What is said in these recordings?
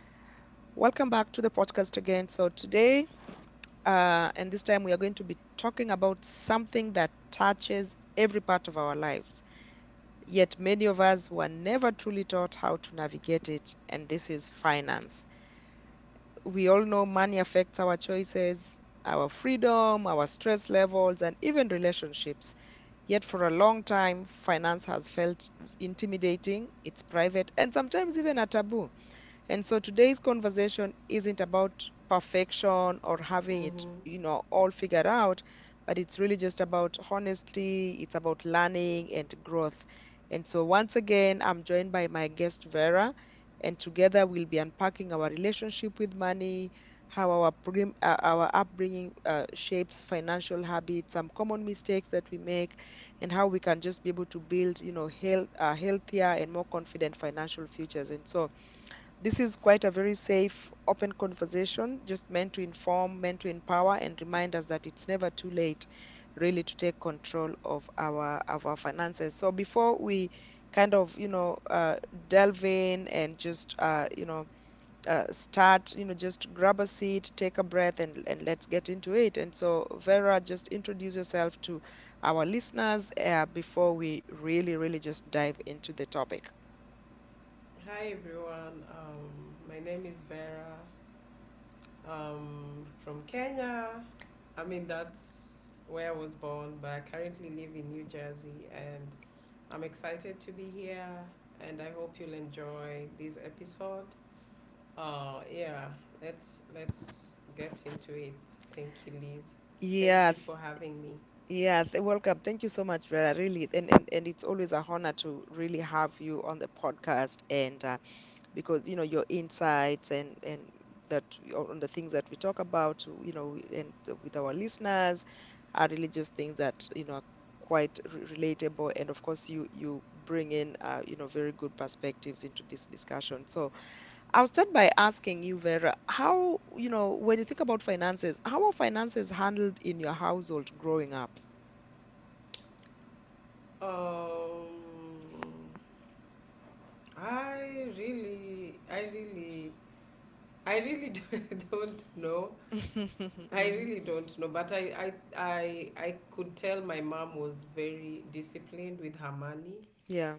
Welcome back to the podcast again. So, today, and this time, we are going to be talking about something that touches every part of our lives. Yet, many of us were never truly taught how to navigate it, and this is finance. We all know money affects our choices, our freedom, our stress levels, and even relationships. Yet, for a long time, finance has felt intimidating, it's private, and sometimes even a taboo. And so today's conversation isn't about perfection or having it, Mm-hmm. you know, all figured out, but it's really just about honesty, it's about learning and growth. And so once again, I'm joined by my guest Vera, and together we'll be unpacking our relationship with money, how our upbringing shapes financial habits, some common mistakes that we make, and how we can just be able to build, healthier and more confident financial futures. And so this is quite a very safe, open conversation, just meant to inform, meant to empower, and remind us that it's never too late, really, to take control of our finances. So before we kind of, delve in and just, start, just grab a seat, take a breath, and let's get into it. And so, Vera, just introduce yourself to our listeners, before we really, really just dive into the topic. Hi everyone, my name is Vera. From Kenya. I mean, that's where I was born, but I currently live in New Jersey and I'm excited to be here and I hope you'll enjoy this episode. Uh, yeah, let's get into it. Thank you, Liz. Thank Yeah, you for having me. Yeah, welcome. Thank you so much, Vera. Really, and it's always a honor to really have you on the podcast, and because your insights and that on the things that we talk about, and with our listeners, are really just things that are quite re relatable, and of course you bring in very good perspectives into this discussion. So I'll start by asking you, Vera, how when you think about finances, how are finances handled in your household growing up? Um, I really, I really I really don't know. I Hmm. really don't know, but I could tell my mom was very disciplined with her money Yeah.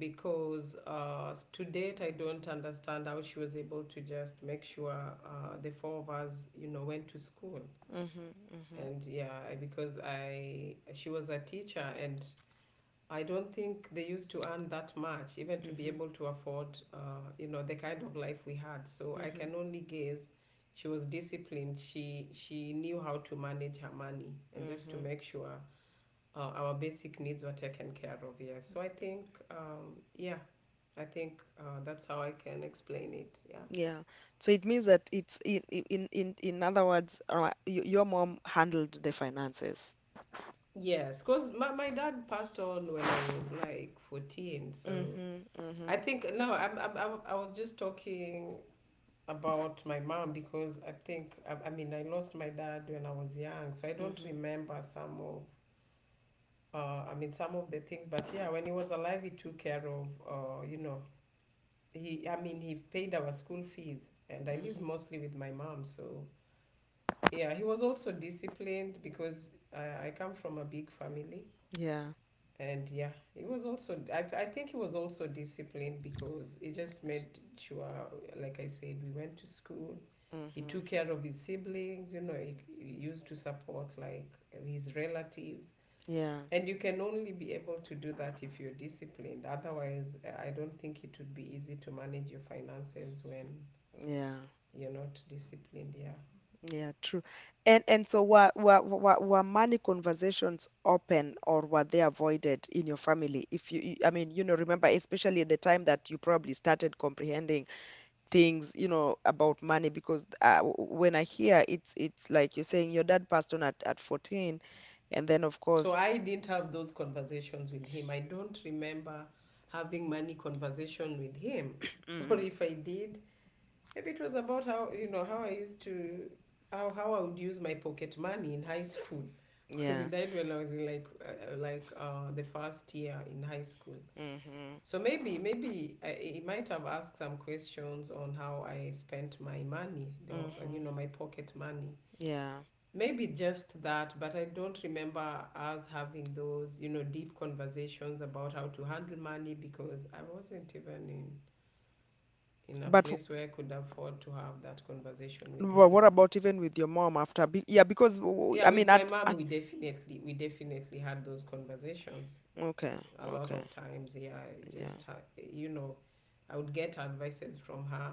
because to date I don't understand how she was able to just make sure the four of us you know went to school Hmm, hmm, and yeah I- because I she was a teacher and I don't think they used to earn that much, even to be hmm, able to afford, you know, the kind of life we had. So I hmm, can only guess she was disciplined. She knew how to manage her money and just to hmm. make sure our basic needs were taken care of. Yes. So I think, yeah, I think that's how I can explain it. Yeah. Yeah. So it means that it's in other words, your mom handled the finances. Yes, because my dad passed on when I was like 14. So Mm-hmm. Mm-hmm. I think, no, I was just talking about my mom because I mean I lost my dad when I was young, so I don't Mm-hmm. remember some of I mean some of the things. But yeah, when he was alive, he took care of you know he I mean he paid our school fees, and I lived Mm-hmm. mostly with my mom. So yeah, he was also disciplined because I come from a big family. Yeah. And yeah, he was also, I think he was also disciplined because he just made sure, like I said, we went to school. He Mm-hmm. took care of his siblings, you know, he used to support like his relatives, Yeah. and you can only be able to do that if you're disciplined. Otherwise I don't think it would be easy to manage your finances when Yeah. you're not disciplined, yeah. Yeah. True. And so were money conversations open or were they avoided in your family? If you, I mean, remember, especially at the time that you probably started comprehending things, about money because when I hear it's like you're saying your dad passed on at 14 and then of So course. I didn't have those conversations with him. I don't remember having money conversation with him or Mm, if I did, maybe it was about how, you know, how I used to, how I would use my pocket money in high school because yeah. it died when I was in like the first year in high school. Mhm. So maybe it might have asked some questions on how I spent my money, you Mhm. know, my pocket money. Yeah. Maybe just that, but I don't remember us having those, you know, deep conversations about how to handle money because I wasn't even in a But place where I could afford to have that conversation with what him. about even with your mom after be, yeah, because Yeah, I with mean my at, mom, at we definitely had those conversations Okay. a lot Okay. of times. Yeah, I Yeah. just ha- you know, I would get advices from her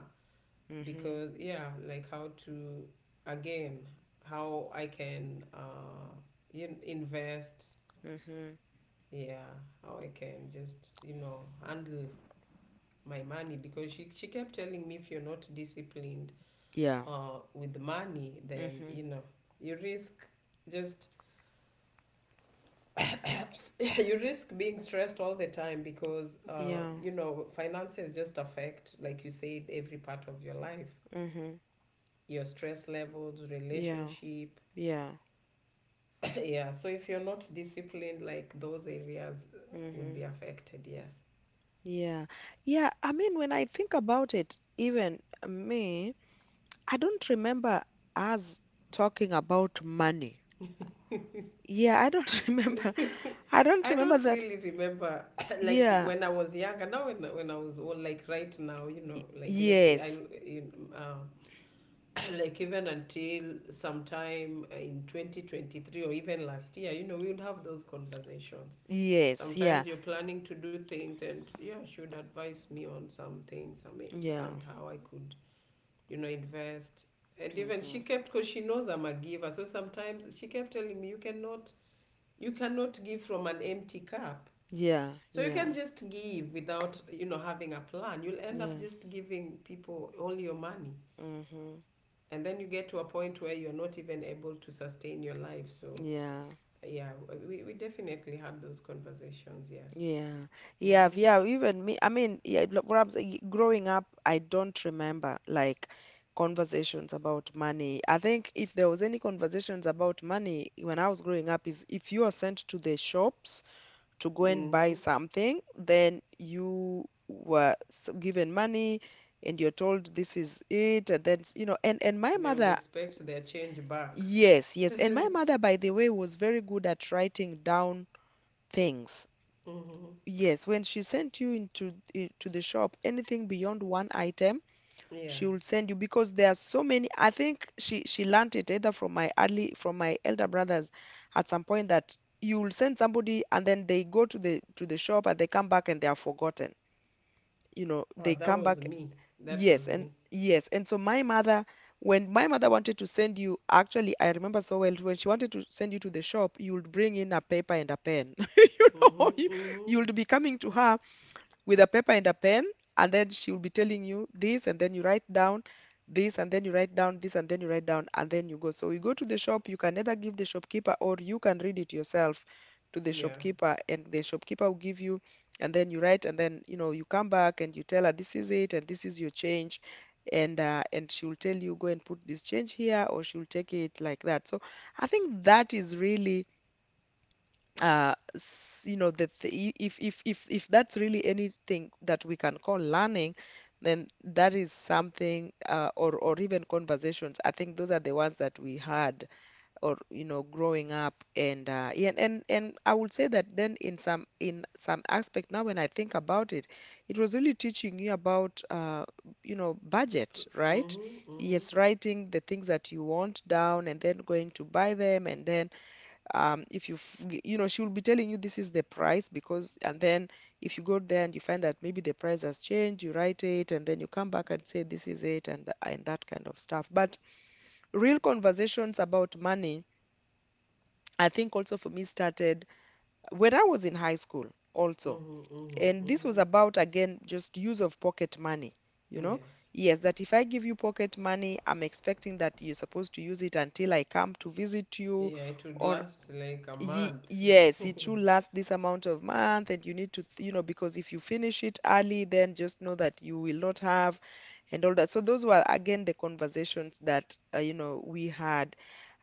Mhm. because yeah, like how to, again, how I can invest. Mhm. Yeah, how I can just, you know, handle my money because she kept telling me if you're not disciplined Yeah. With money, then Mhm. you know you risk just you risk being stressed all the time because Yeah. you know finances just affect, like you said, every part of your life, Mm. Mhm. your stress levels, Yeah. relationship. Yeah. Yeah, so if you're not disciplined, like those areas would Mhm. be affected. Yes. Yeah. Yeah, I mean when I think about it, even me, I don't remember us talking about money. Yeah, I don't remember. I don't I remember don't that. really remember like Yeah. when I was younger. Now when I was old, like right now, you know, Y- like let's say I Yes. you know, like even until sometime in 2023 or even last year, you know, we would have those conversations. Yes. Yeah. Sometimes you're planning to do things and yeah, she would advise me on some things, I Yeah. and how I could, you know, invest. And even Hmm. she kept, because she knows I'm a giver, so sometimes she kept telling me you cannot, you cannot give from an empty cup. Yeah. So you can Yeah. just give without, you know, having a plan, you'll end up Yeah. just giving people all your money, Hmm. and then you get to a point where you're not even able to sustain your life. So Yeah. yeah, we definitely had those conversations, yes. Yeah. Yeah. Mm-hmm. Yeah. Even me. I mean, yeah, what I'm saying, growing up, I don't remember like conversations about money. I think if there was any conversations about money when I was growing up is if you are sent to the shops to go and Mm-hmm. buy something, then you were given money and you're told this is it, and then, and my They would mother, expect their change back. yes, yes. And my mother, by the way, was very good at writing down things. Mm-hmm. Yes, when she sent you into to the shop, anything beyond one item, Yeah. she will send you because there are so many. I think she learnt it either from my elder brothers at some point that you will send somebody and then they go to the shop and they come back and they are forgotten. You know, Oh, they that come was back. me. That Yes, was and me. yes, and so my mother. When my mother wanted to send you, actually, I remember so well when she wanted to send you to the shop, you would bring in a paper and a pen. You Mm-hmm. know, you, you Mm-hmm. would be coming to her with a paper and a pen, and then she will be telling you this, and then you write down this, and then you write down this, and then you write down, and then you go. So we go to the shop. You can either give the shopkeeper or you can read it yourself to the Yeah. shopkeeper, and the shopkeeper will give you, and then you write, and then you come back and you tell her this is it, and this is your change. And she will tell you go and put this change here, or she will take it like that. So I think that is really s- you know, that the if that's really anything that we can call learning, then that is something, or even conversations. I think those are the ones that we had, or growing up, and yeah, and I would say that then in some aspect now when I think about it, it was really teaching you about budget, right? Mm-hmm. Mm-hmm. Yes, writing the things that you want down and then going to buy them, and then if you f- g- you know she will be telling you this is the price, because and then if you go there and you find that maybe the price has changed, you write it and then you come back and say this is it, and that kind of stuff. But real conversations about money, I think also for me, started when I was in high school also, Mm-hmm. Mm-hmm. and this Mm-hmm. was about, again, just use of pocket money you know Yes. yes, that if I give you pocket money, I'm expecting that you're supposed to use it until I come to visit you Yeah, it would or. last like a Ye month. yes, it should last this amount of month, and you need to, because if you finish it early, then just know that you will not have and all that. So those were, again, the conversations that, we had.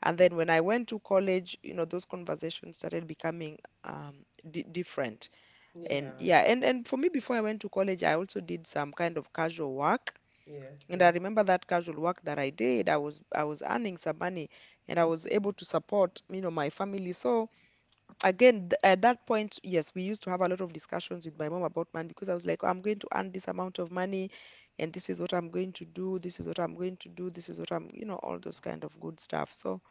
And then when I went to college, those conversations started becoming um, di different. And Yeah. yeah, and for me, before I went to college, I also did some kind of casual work. Yes. And I Yes. remember that casual work that I did, I was earning some money, and I was able to support, my family. So, again, at that point, yes, we used to have a lot of discussions with my mom about money, because I was like, "Oh, I'm going to earn this amount of money and this is what I'm going to do, this is what I'm going to do, this is what I'm you know all those kind of good stuff." So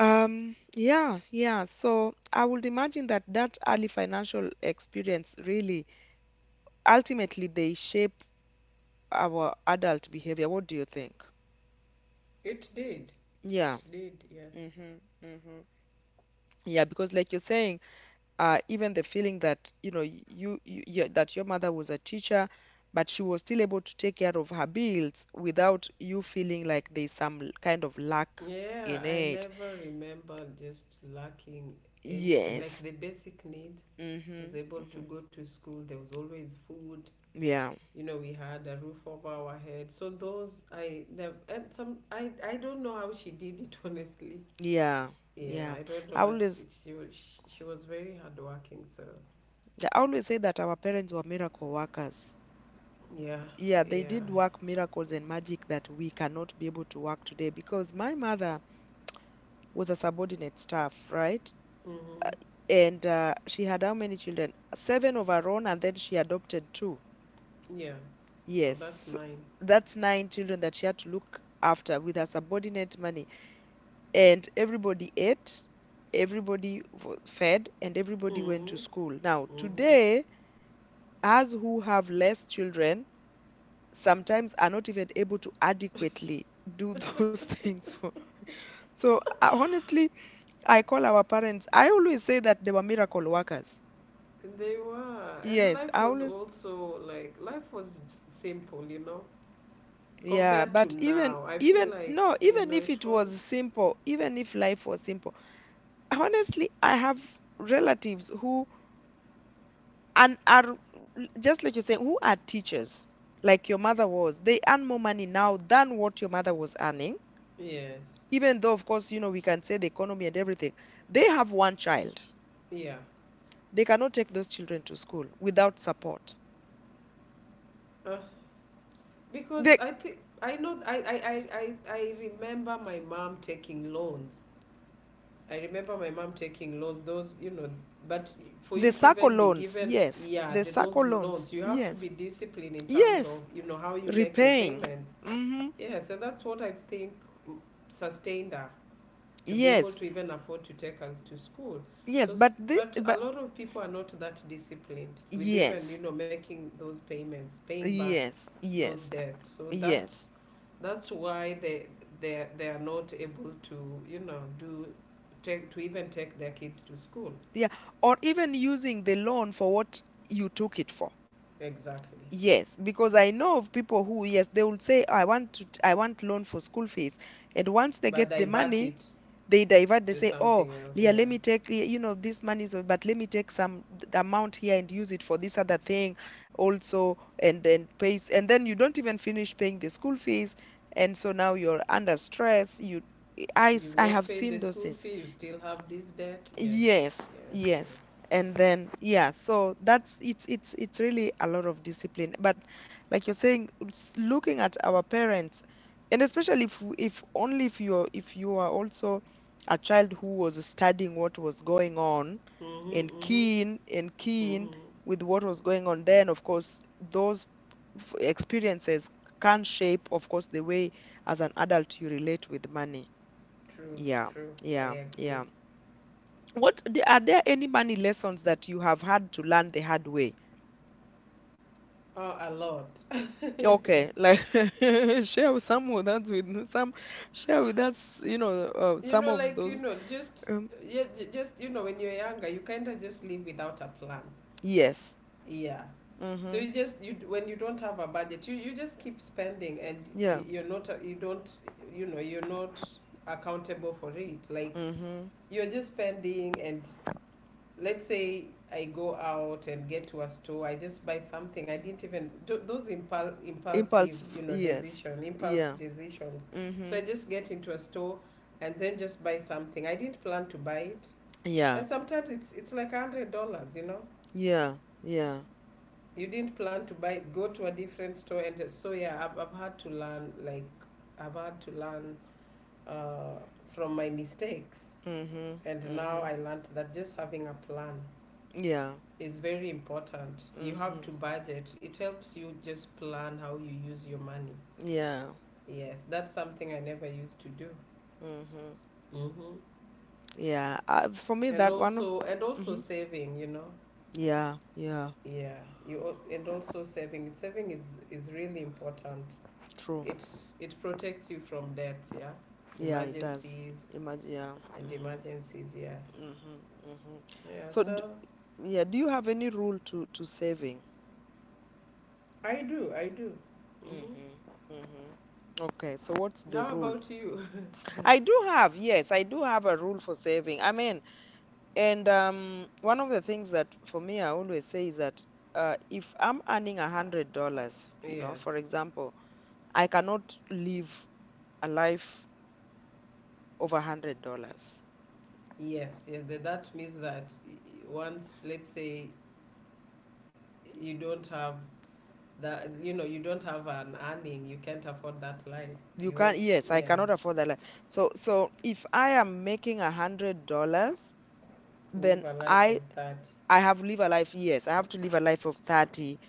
yeah, yeah, so I would imagine that that early financial experience really ultimately they shape our adult behavior. What do you think? It did. Yeah. It did, yes. Mm-hmm, mm-hmm. Yeah, because like you're saying, even the feeling that you know you, you, you that your mother was a teacher, but she was still able to take care of her bills without you feeling like there's some kind of lack Yeah, in I it. never remember just lacking anything. Like Yes. the basic needs, I was Mm-hmm. able to Mm-hmm. go to school. There was always food. Yeah. You know, we had a roof over our head. So those I never, and some I don't know how she did it honestly. Yeah. Yeah, Yeah. I don't know, I but always she was very hardworking. So I always say that our parents were miracle workers. yeah. Yeah, they Yeah. did work miracles and magic that we cannot be able to work today because my mother was a subordinate staff, right? Mm-hmm. And she had how many children? Seven of her own, and then she adopted two. Yeah. So that's Yes. nine. That's nine children that she had to look after with her subordinate money. And everybody ate, everybody fed, and everybody went to Mm-hmm. school. Now, Mm-hmm. today, us who have less children sometimes are not even able to adequately do those things for. So, honestly, I call our parents, I always say that they were miracle workers. They were, and Yes, life I was always. also like life was simple, you know, Yeah, compared to but even now. I feel even like no, you even know if it it was, was simple, even if life was simple, honestly, I have relatives who and are just like you're saying, who are teachers, like your mother was. They earn more money now than what your mother was earning, yes, even though, of course, we can say the economy and everything. They have one child. yeah, They cannot take those children to school without support. uh, because The I think I know I remember my mom taking loans. I remember my mom taking loans. Those, you know, but for you the to circle even be loans, given, yes. yeah, The those circle loans, loans, you have to be yes. disciplined in terms of Yes. you know how you make your Repaying. payments. Mm-hmm. Yes, and that's what I think, mm, sustained her to be able Yes, to even afford to take us to school. yes, So, but the but a but lot of people are not that disciplined with even yes, you know making those payments, paying back yes, those yes, debts. So yes, that's why they are not able to you know do take to even take their kids to school. yeah, or even using the loan for what you took it for. Exactly, Yes, because I know of people who, yes, they will say, I want loan for school fees, and once they but get the divert money, it they to say, oh something else. Leah, Yeah, let me take, you know, this money is, but let me take some amount here and use it for this other thing also. And then pays, and then you don't even finish paying the school fees, and so now you're under stress. You you've I not have paid the seen those school things. fee. You still have this debt. Yes, Yes, yes, yes. yes. And then yeah, so that's it's really a lot of discipline. But like you're saying, looking at our parents, and especially if only if you are also a child who was studying what was going on Mhm, and mhm, keen mhm. with what was going on, then of course those experiences can shape, of course, the way as an adult you relate with money. True, Yeah, true. I yeah, agree. yeah. What, are there any money lessons that you have had to learn the hard way? Oh, a lot. Okay, like share with some with us with some share with us, you know, You some know, of like you those. know, just Um, yeah, just you know, when you're younger, you kind of just live without a plan. yes. Yeah. So Mm-hmm. you just you when you don't have a budget, you just keep spending, and Yeah. you're not you don't, you know, you're not accountable for it. Like Mm-hmm. you're just spending, and let's say I go out and get to a store, I just buy something. I didn't even tho- those impulsive, Impulse. you know, Yes. decision, impulse Yeah. decisions. So I Mm-hmm. just get into a store and then just buy something. I didn't plan to buy it, Yeah. and sometimes it's like $100, you know. Yeah. Yeah. You didn't plan to buy it. Go to a different store, and so yeah, I've had to learn like I've had to learn uh, from my mistakes, Mm-hmm. and now Mm-hmm. I learned that just having a plan Yeah. is very important. You have Mm-hmm. to budget. It helps you just plan how you use your money. Yeah. Yes, that's something I never used to do. Mm-hmm. Hmm. Yeah. For me, that one. And also Mm-hmm. saving. You know, Yeah. Yeah. yeah. And also saving. Saving is really important. True. It's it protects you from death. Yeah, Yeah, it does. emergencies Imagine, yeah. and Mm-hmm, emergencies. Yes. mm-hmm, mm-hmm. Yeah. So, d So yeah, do you have any rule to saving? I do. I do. Hmm. Mm-hmm, mm-hmm. Okay, so what's the How rule? about you? I do have, yes, I do have a rule for saving. I mean, and one of the things that for me I always say is that if I'm earning $100, you know, for Yes. example, I cannot live a life over $100. Yes, yeah, that means that once, let's say, you don't have that, you know, you don't have an earning, you can't afford that life. You You can't, want, yes, I yeah, cannot afford that life. So, if I am making $100, then live a life of that. I have to live a life of 30.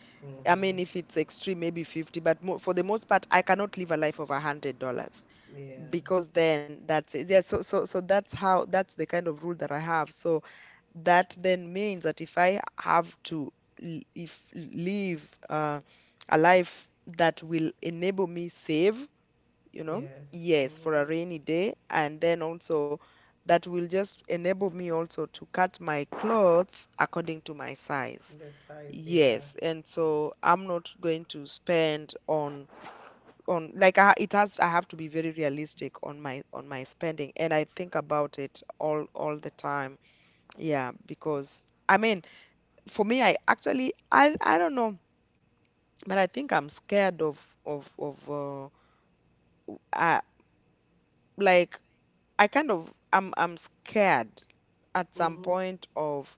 I Mm-hmm. mean, if it's extreme, maybe 50, but mo for the most part, I cannot live a life of $100, Yeah, because then that's it. Yeah, so that's the kind of rule that I have. So that then means that if I have to l- if live a life that will enable me save, you know, yes. yes, for Mm-hmm. a rainy day, and then also that will just enable me also to cut my clothes according to my size. Your size, yeah. Yes. And so I'm not going to spend on like, it has, I have to be very realistic on my spending, and I think about it all the time. Yeah, because I mean, for me, I don't know, but I think I'm scared of uh like, I kind of I'm scared at some Mm-hmm. point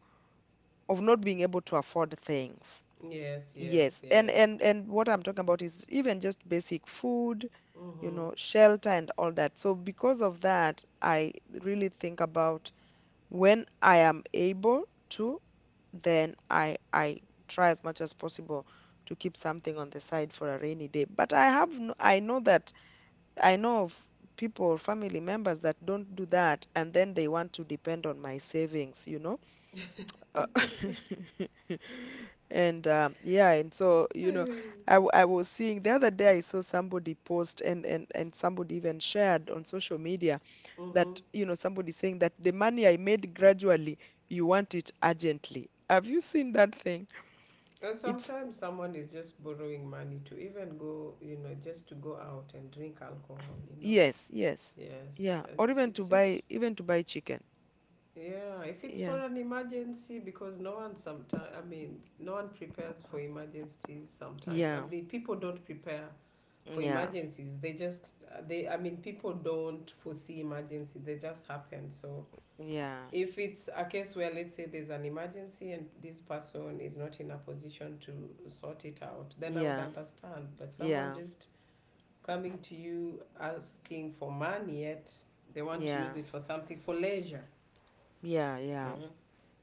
of not being able to afford things. Yes, yes, Yes. And yes. and what I'm talking about is even just basic food, you Mm-hmm. know, shelter and all that. So because of that, I really think about when I am able to, then I try as much as possible to keep something on the side for a rainy day. But I have no, I know that I know of people, family members, that don't do that, and then they want to depend on my savings, you know. Uh, and yeah. And so, you know, I was seeing the other day, I saw somebody post, and and somebody even shared on social media Mm-hmm. that, you know, somebody saying that the money I made gradually, you want it urgently. Have you seen that thing? And It's sometimes someone is just borrowing money to even go, you know, just to go out and drink alcohol, you know. yes, yes, Yes, yeah, and or even to it's buy, even to buy chicken. Yeah, if it's Yeah, for an emergency, because no one sometimes, I mean, no one prepares for emergencies sometimes. I yeah, mean, people don't prepare for yeah, emergencies. They just, I mean, people don't foresee emergency. They just happen. So yeah. if it's a case where, let's say, there's an emergency and this person is not in a position to sort it out, then I would Yeah, understand. But someone yeah, just coming to you asking for money, yet they want to yeah, use it for something for leisure. yeah, yeah. Mhm.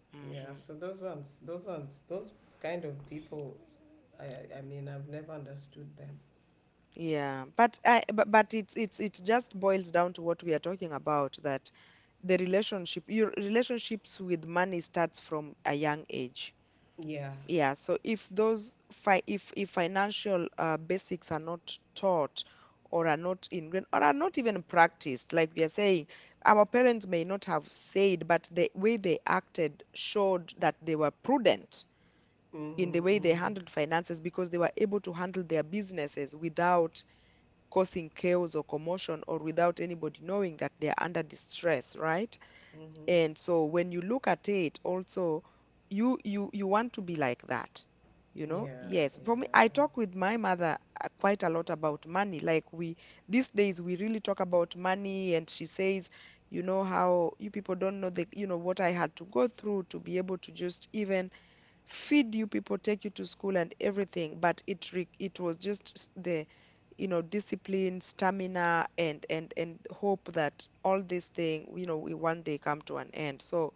Hmm. Yeah, so those ones, those ones, those kind of people, I mean, I've never understood them. Yeah, but it's it just boils down to what we are talking about, that the relationship your relationships with money starts from a young age. Yeah. Yeah, so if those fi if financial basics are not taught, or are not ingrained, or are not even practiced, like we are saying, our parents may not have said, but the way they acted showed that they were prudent in the Mhm. way they Mhm. handled finances, because they were able to handle their businesses without causing chaos or commotion, or without anybody knowing that they are under distress, right? Mhm. And so when you look at it also, you you want to be like that. You know? Yeah, Yes. For me, I yeah. talk with my mother quite a lot about money. Like we These days we really talk about money, and she says, you know, how you people don't know the, you know, what I had to go through to be able to just even feed you people, take you to school, and everything. But it was just the, you know, discipline, stamina, and and hope that all this thing, you know, will one day come to an end. So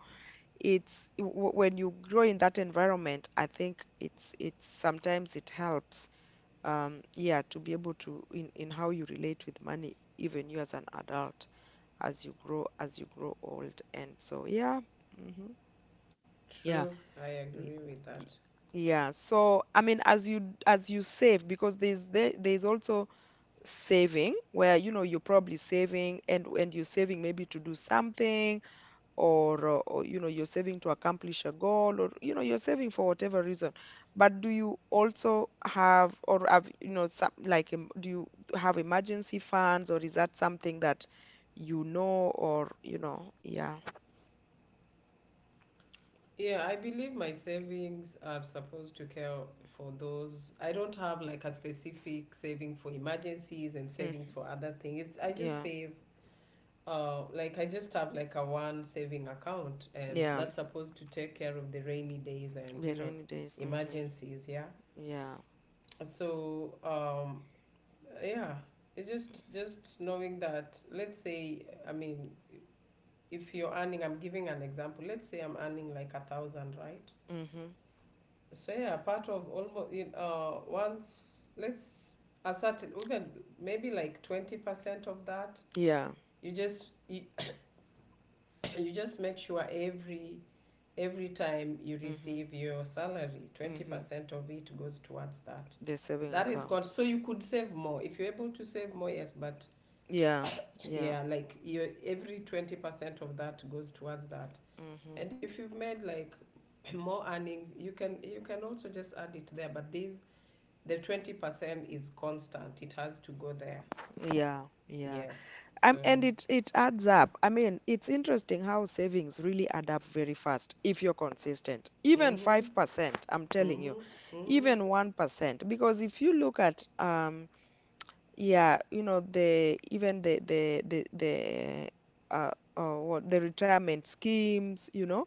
when you grow in that environment, I think it's sometimes it helps, um, yeah, to be able to, in how you relate with money, even you as an adult, as you grow old. And so yeah. Hmm. Yeah. True. I y- agree with that. Yeah, so I mean, as you save, because there's there's also saving where, you know, you're probably saving, and you're saving maybe to do something, or or, you know, you're saving to accomplish a goal, or, you know, you're saving for whatever reason. But do you also have, or have, you know, some like do you have emergency funds, or is that something that, you know, or you know, yeah. Yeah, I believe my savings are supposed to care for those. I don't have like a specific saving for emergencies and Mm, savings for other things. It's, I just yeah. save. Like I just have like a one saving account, and Yeah, that's supposed to take care of the rainy days and you the know rainy days. Mm-hmm, emergencies. Yeah. yeah. So yeah, it just knowing that. Let's say I mean, if you're earning, I'm giving an example. Let's say I'm earning like 1,000, right? Mm-hmm, So yeah, part of almost in once let's a certain, even maybe like 20% of that, yeah. you just you, you just make sure every time you Mhm. receive your salary, Mhm. 20% of it goes towards that. The saving That is gone, account. so you could save more. If you're able to save more, yes, but Yeah. Yeah. yeah, like your every 20% of that goes towards that. Mhm. And if you've made like more earnings, you can, you can also just add it there, but the 20% is constant, it has to go there, Yeah. Yeah. yes, so. And it it adds up. I mean, it's interesting how savings really add up very fast if you're consistent. Even Mhm. 5%, I'm telling Mhm. you, Mhm. even 1%. Because if you look at, um, yeah, you know, the even the uh, what the retirement schemes,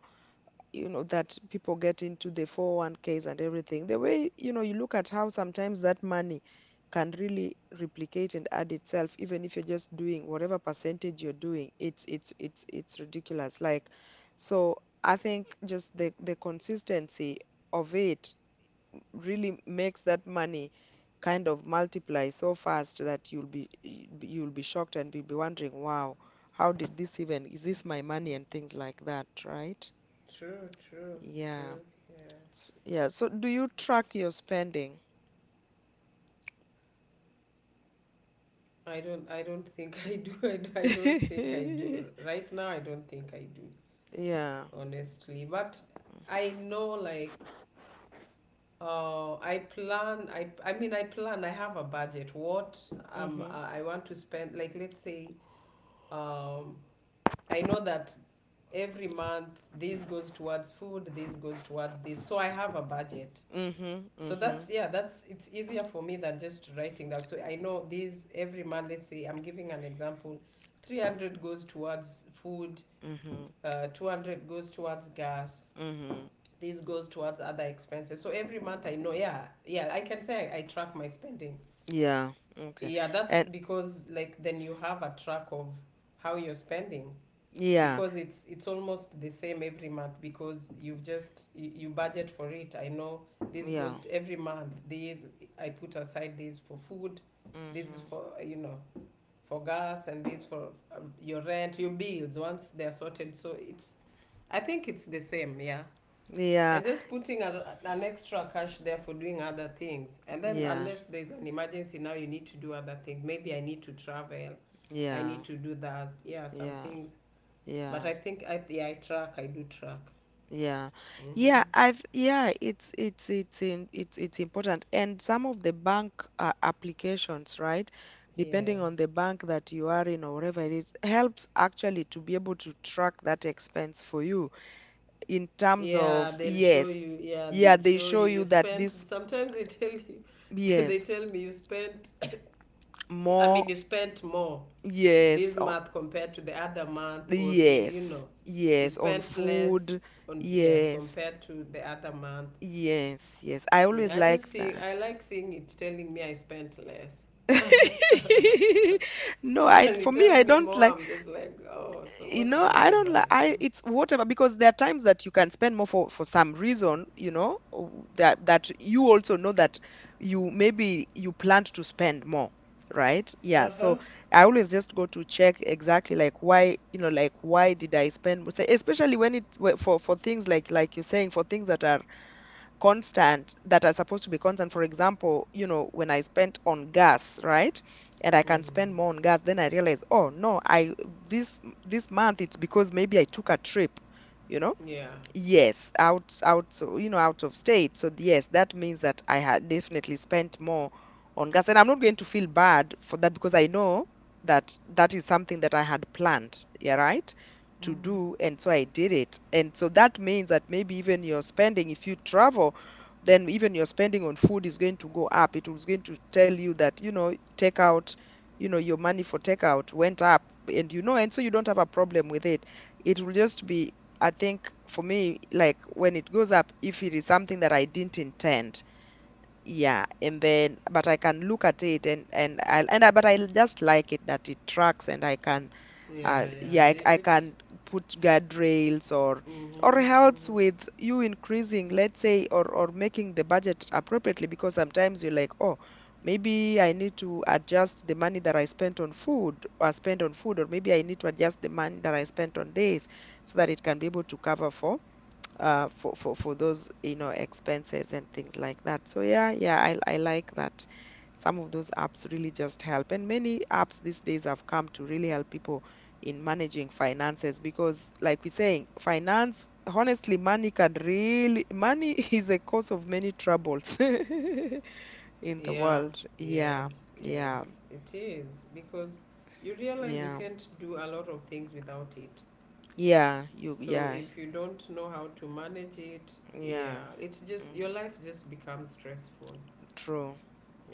you know that people get into the 401ks and everything, the way, you know, you look at how sometimes that money can really replicate and add itself, even if you're just doing whatever percentage you're doing. It's ridiculous, like, so I think just the consistency of it really makes that money kind of multiply so fast that you'll be shocked, and you'll be wondering, wow, how did this, even, is this my money, and things like that, right? Yeah. True. Yeah. Yeah. So do you track your spending? I don't think I do. I don't think I do. Right now I don't think I do, Yeah. honestly. But I know like, I plan, I have a budget. What Mm-hmm. I want to spend, like, let's say, um I know that every month this goes towards food, this goes towards this. So I have a budget. Mm-hmm. So Mm-hmm. that's, yeah, that's, it's easier for me than just writing down. So I know these every month. Let's say I'm giving an example, 300 goes towards food, Mm-hmm. 200 goes towards gas. Mm-hmm. This goes towards other expenses. So every month I know, yeah, yeah, I can say I track my spending. Yeah. Okay. Yeah, that's And because like then you have a track of how you're spending yeah. because it's almost the same every month because you budget for it. I know this Yeah. goes to every month. These, I put aside. These for food, this is Mm-hmm. for, you know, for gas, and this for, your rent, your bills, once they're sorted, so it's, I think it's the same, yeah. Yeah. And just putting a, an extra cash there for doing other things, and then Yeah. unless there's an emergency, now you need to do other things, maybe I need to travel, I Yeah. need to do that, yeah, some Yeah. things. But Yeah. I think I, yeah, I track. I do track. Yeah. Yeah, Hmm. I've yeah, it's in, it's it's important. And some of the bank applications, right? Depending Yes. on the bank that you are in, or wherever it is, helps actually to be able to track that expense for you in terms Yeah, of, they'll show yes. you. Yeah, Yeah, they'll they show show you. you You that spent. this, Sometimes they tell you. They yes, tell me you spent. I more, mean, you spent more yes, this on, month compared to the other month, or you yes. know, you Yes, on spent less food. on, yes, Yes. compared to the other month. Yes, yes. I always I just like see. I that. like seeing it telling me I spent less. No, I, When for it me, tells I me don't more, like, I'm just like, oh, so you what know, did I I don't buy? like, I it's whatever, because there are times that you can spend more for some reason, you know, that that you also know that you maybe you planned to spend more, right? Yeah, Uh huh. so I always just go to check exactly like why, you know, like why did I spend more, especially when for things like you're saying, for things that are constant, that are supposed to be constant. For example, you know, when I spent on gas, right? And I can spend more Mm-hmm. on gas, then I realize, oh no, I this this month it's because maybe I took a trip, you know? Yeah. Yes, out, out, so, you know, out of state. So yes, that means that I had definitely spent more on gas, and I'm not going to feel bad for that, because I know that that is something that I had planned, yeah, right, to Hmm. do, and so I did it. And so that means that maybe even your spending, if you travel, then even your spending on food is going to go up. It was going to tell you that, you know, take out, you know, your money for takeout went up, and you know, and so you don't have a problem with it. It will just be I think for me, like when it goes up, if it is something that I didn't intend, yeah, and then but I can look at it and I but I just like it that it tracks and I can Yeah. Yeah, Yeah. I, It, I it's. can put guardrails or Mhm. helps Mhm. with you increasing, let's say, or making the budget appropriately because sometimes you're like, oh, maybe I need to adjust the money that I spent on food or spend on food, or maybe I need to adjust the money that I spent on this so that it can be able to cover for those, you know, expenses and things like that. So yeah, yeah, I like that. Some of those apps really just help. And many apps these days have come to really help people in managing finances because, like we're saying, finance, honestly, money is a cause of many troubles in the Yeah. world. Yeah, Yes. yeah, Yes. It is, because you realize you yeah, can't do a lot of things without it. yeah, So yeah, if you don't know how to manage it, yeah, yeah, it's just, your mhm, life just becomes stressful. true.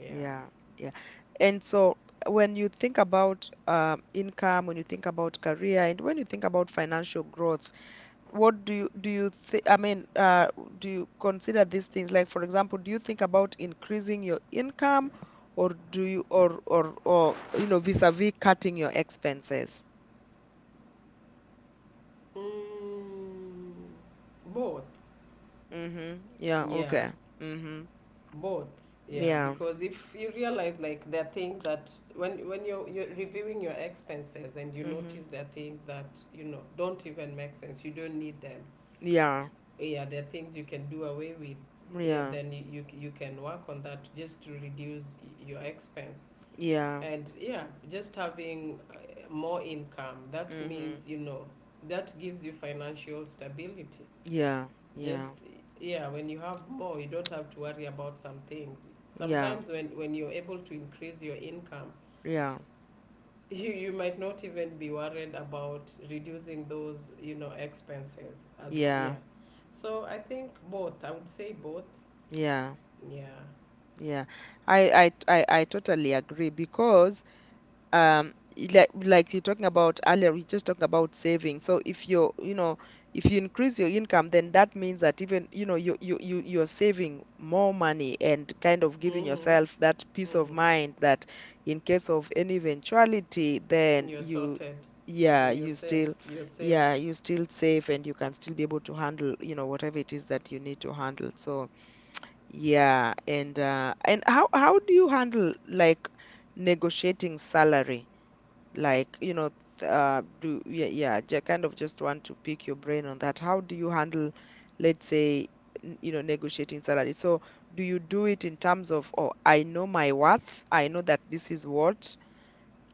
Yeah. Yeah, yeah. And so when you think about income, when you think about career, and when you think about financial growth, what do you think, I mean, do you consider these things? Like, for example, do you think about increasing your income or do you or you know, vis-a-vis cutting your expenses? Mm, both. Mm-hmm. Yeah, Yeah. okay. Mm-hmm. Both, yeah, Yeah. because if you realize, like, there are things that when you're reviewing your expenses, and you Mm-hmm. notice there are things that, you know, don't even make sense, you don't need them, Yeah. yeah, there are things you can do away with, yeah, Yeah. then you can work on that just to reduce y- your expense, Yeah. and yeah, just having, more income, that Mm-hmm. means, you know, that gives you financial stability, Yeah. Yeah. just, yeah, when you have more, you don't have to worry about some things. Yeah. Sometimes when you're able to increase your income, Yeah. You might not even be worried about reducing those, you know, expenses as, Yeah. yeah, so I think both. I would say both, Yeah, yeah. yeah. I totally agree because um like we are talking about earlier, we just talked about saving. So if you increase your income, then that means that even, you know, you're saving more money and kind of giving Mm-hmm. yourself that peace of Mm-hmm. mind that in case of any eventuality, You're sorted. yeah, Hmm, you're safe, you're safe. yeah, you still save and you can still be able to handle, you know, whatever it is that you need to handle. So. Yeah, and how do you handle like negotiating salary? Like, you know, th- do yeah, yeah, kind of just want to pick your brain on that. How do you handle, let's say, negotiating salary? So, do you do it in terms of, oh, I know my worth, I know that this is what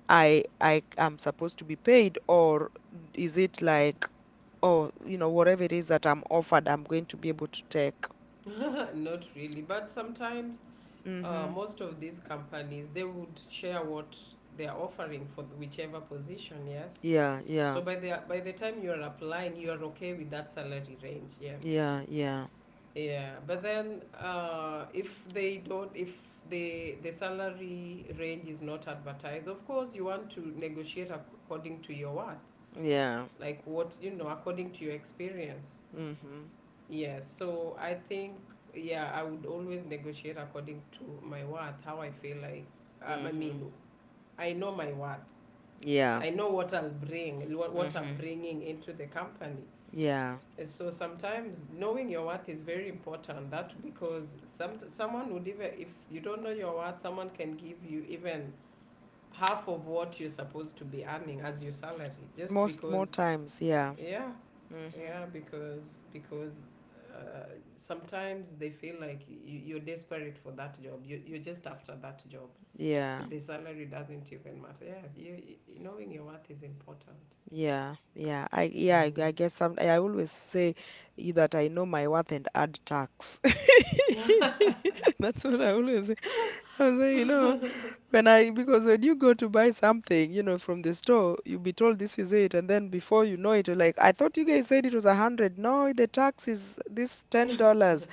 I am supposed to be paid, or is it like, oh, you know, whatever it is that I'm offered, I'm going to be able to take? Not really, but sometimes, Mm-hmm. most of these companies, they would share what they're offering for whichever position, yes. Yeah, So yeah. by the time you are applying, you are okay with that salary range. Yes. Yeah, yeah, Yeah. But then, if they don't, if the the salary range is not advertised, of course you want to negotiate according to your worth, yeah. like what, you know, according to your experience. Mm-hmm. Yes. So I think, yeah, I would always negotiate according to my worth, how I feel like. I Mm-hmm. mean, I know my worth. Yeah. I know what I'll bring, what I'm Mm-hmm. bringing into the company. Yeah. So sometimes knowing your worth is very important. That, because some, someone would, even if you don't know your worth, someone can give you even half of what you're supposed to be earning as your salary, just Most more because, times, yeah. yeah, Mm-hmm. yeah, because, uh, sometimes they feel like you're desperate for that job, you're just after that job, so Yeah. the salary doesn't even matter, yeah, you knowing your worth is important. Yeah. Yeah. I yeah, I, Mm-hmm. I guess some I always say you that I know my worth and add tax. That's what I always say. I was say, you know, when I because when you go to buy something, you know, from the store, you'll be told this is it, and then before you know it, you're like, I thought you guys said it was 100. No, the tax is this $10.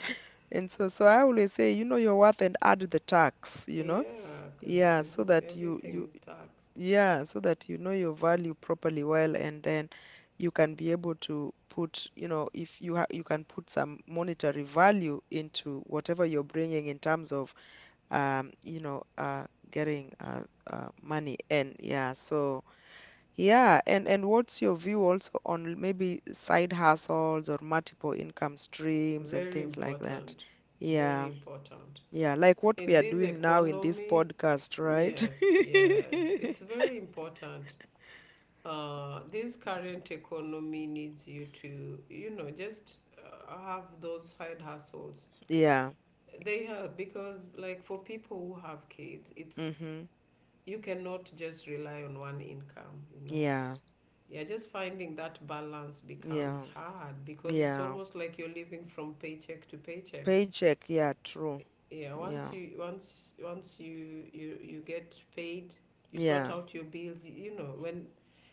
And so I always say, you know your worth and add the tax, you know? Yeah, because Yeah, so that you everything you is taxed. yeah, so that you know your value properly well and then you can be able to put, you know, if you ha you can put some monetary value into whatever you're bringing in terms of um, you know, uh getting money and yeah, so yeah, and what's your view also on maybe side hustles or multiple income streams and Very things like that? important. Very Yeah. important. Yeah, like what we In are this doing now in this economy, podcast, yes, yes, right? it's very important. This current economy needs you to, you know, just have those side hustles. Yeah. They help because, like, for people who have kids, it's, Mm-hmm. you cannot just rely on one income, you know. Yeah. Yeah, just finding that balance becomes Yeah. hard, because it's Yeah. almost like you're living from paycheck to paycheck. Paycheck. Yeah, true. Yeah, once Yeah. you, once you, you get paid, you sort Yeah. out your bills, you know, when,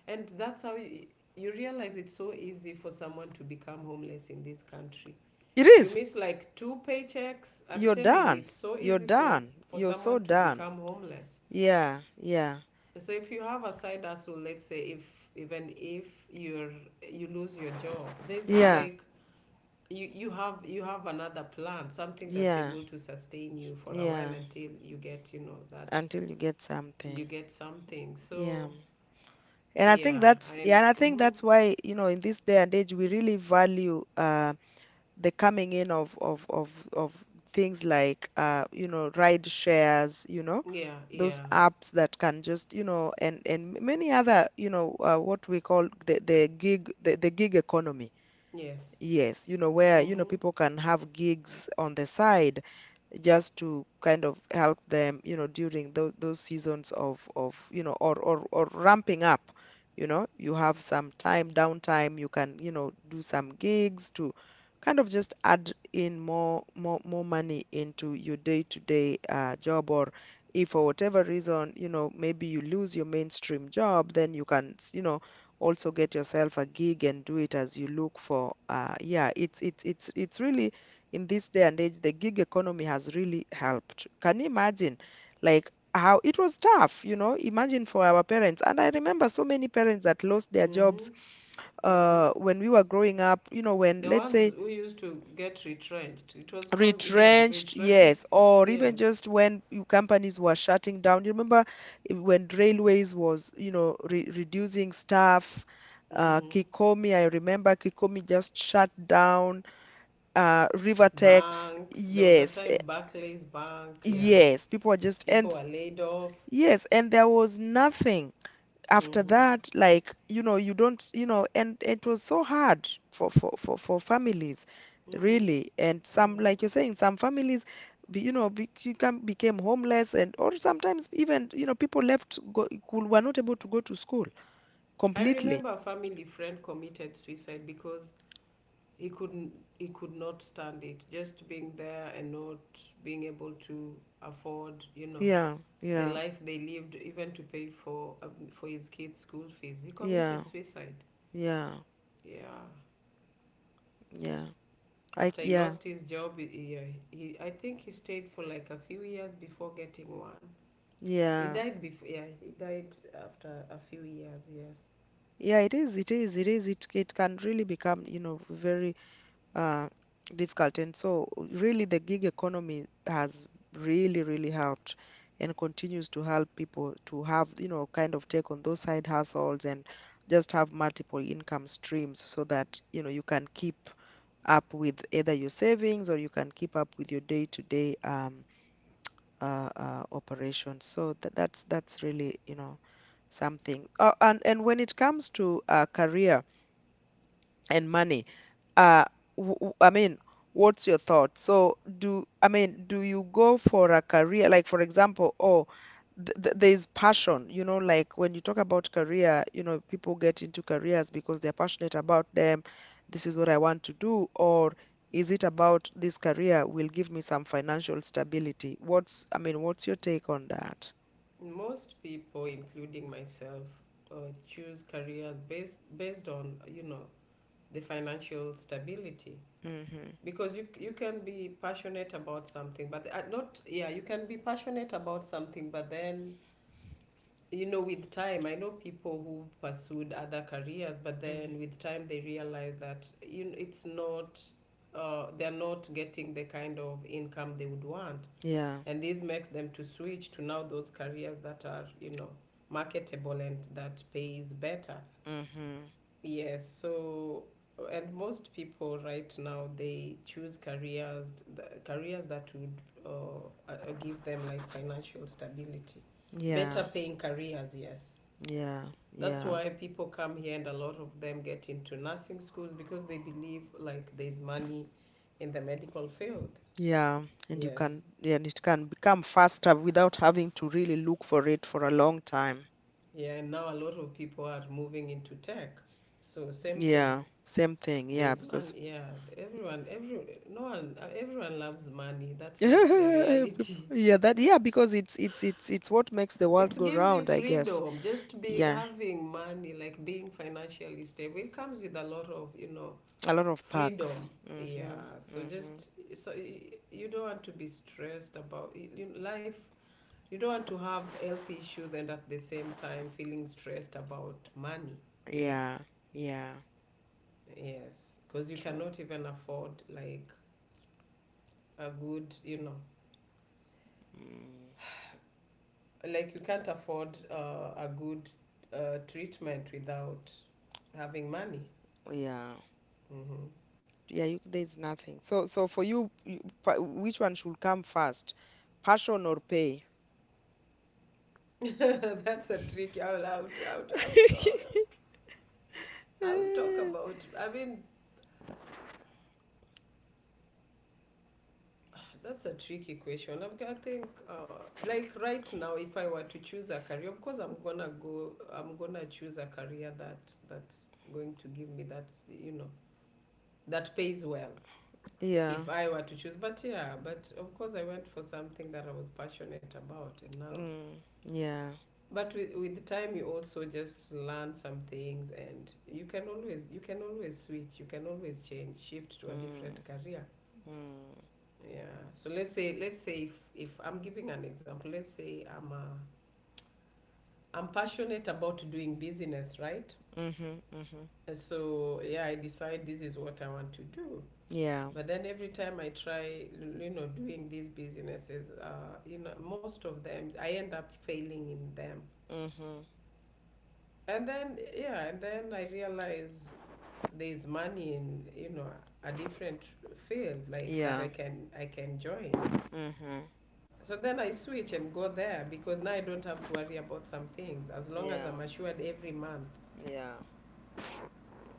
and that's how you realize it's so easy for someone to become homeless in this country. It You is. miss like 2 paychecks, I'm You're telling you, done. it's so You're easy for done. for You're so someone to done. become homeless. Yeah. Yeah. So if you have a side hustle, let's say if, even if you're, you lose your job, there's Yeah. like, you have, you have another plan, something that's Yeah. able to sustain you for a while Yeah. until you get, you know, that Until you get you something. get something, Yeah. so And I think yeah. that's I, Yeah, and I think mm, that's why, you know, in this day and age we really value the coming in of things like ride shares, you know, yeah, those yeah, apps that can just and many other what we call the gig economy. yes. Yes, you know, where, Mm-hmm. people can have gigs on the side just to kind of help them, during those seasons of, or ramping up. You have some time, downtime, you can, do some gigs to kind of just add in more money into your day-to-day job, or if for whatever reason, you know, maybe you lose your mainstream job, then you can, also get yourself a gig and do it as you look for yeah, it's really in this day and age the gig economy has really helped. Can you imagine like how it was tough? Imagine for our parents, and I remember so many parents that lost their Mm-hmm. jobs Hmm. When we were growing up, you know, when The let's ones say who used to get retrenched, it was called yeah, retrenched, retrenched. yes, or even Yes. just when companies were shutting down. You remember when railways was, you know, re reducing staff. Mm-hmm. Kikomi, I remember Kikomi just shut down. Rivertex, Banks, there was a yes, time Barclays Bank, yeah, yes, people were just people and were laid off. yes, and there was nothing after that, like, you don't, and it was so hard for families, Mm-hmm. really. And some, Mm-hmm. like you're saying, some families, became homeless, and or sometimes even, people left go, who were not able to go to school I completely. remember a family friend committed suicide because he couldn't, he could not stand it, just being there and not being able to afford, you know, Yeah, the yeah, life they lived, even to pay for, for his kids' school fees. He yeah, committed suicide, yeah, yeah, yeah. I after he yeah, lost his job. He I think he stayed for like a few years before getting one. He yeah. died before, yeah, he died after a few years, yes. Yeah, it is, it is, it is, it can really become, you know, very uh, difficult. And so, really, the gig economy has really, really helped and continues to help people to have, you know, kind of take on those side hustles and just have multiple income streams so that, you know, you can keep up with either your savings or you can keep up with your day-to-day operations. So that, that's really, you know, something. And when it comes to career and money. Uh, I mean, what's your thought? So do I mean, do you go for a career, like for example, oh, th th there's passion, you know, like when you talk about career, people get into careers because they're passionate about them. This is what I want to do, or is it about this career will give me some financial stability? What's, I mean, what's your take on that? Most people, including myself, uh, choose careers based on, you know, the financial stability, Mm-hmm. because you can be passionate about something, but, not yeah, you can be passionate about something, but then, you know, with time, I know people who've pursued other careers, but then Mm-hmm. with time they realize that, you know, it's not, they're not getting the kind of income they would want, Yeah, and this makes them to switch to now those careers that are, you know, marketable and that pays better, Mm-hmm. yes. So, and most people right now they choose careers, the careers that would, give them like financial stability, yeah, better paying careers, yes. yeah, That's yeah. why people come here and a lot of them get into nursing schools, because they believe like there's money in the medical field. Yeah, and you Yes. can yeah, and it can become faster without having to really look for it for a long time. Yeah, and now a lot of people are moving into tech. So same thing. Yeah, same thing. Yeah, There's because money. Yeah, everyone, every no one, everyone loves money. That's just the reality. yeah, that yeah, because it's what makes the It world go gives you round, I guess. freedom. Just being, Yeah, having money, like being financially stable, it comes with a lot of, you know, a lot of perks. freedom. Mm-hmm. Yeah. So Mm-hmm. just, so y- you don't want to be stressed about y- you life. You don't want to have health issues and at the same time feeling stressed about money. You know. Yeah, yeah, Yes, because you true. cannot even afford like a good, you know, Mm, like you can't afford, a good, treatment without having money. yeah, Hmm. yeah. There's nothing. So for you, which one should come first, passion or pay? That's a tricky. I'll, I'll, I'll, I'll, talk, I'll talk Eh, about. I mean, that's a tricky question. I think, like right now, if I were to choose a career, of course, I'm gonna go, I'm gonna choose a career that, that's going to give me that, you know, that pays well, yeah. if I were to choose. But yeah, but of course I went for something that I was passionate about, and now, Mm, yeah. but with time you also just learn some things, and you can always, you can always switch, you can always change, shift to a different Mm, career. mm, Yeah. So let's say, if I'm giving an example, let's say I'm passionate about doing business, right? mhm, mhm. And so yeah, I decide this is what I want to do. Yeah. But then every time I try, you know, doing these businesses, you know, most of them, I end up failing in them. Mhm. And then, yeah, and then I realize there's money in, you know, a different field like that Yeah. I can, I can join. Mhm. So then I switch and go there, because now I don't have to worry about some things. As long as Yeah. I'm assured every month Yeah.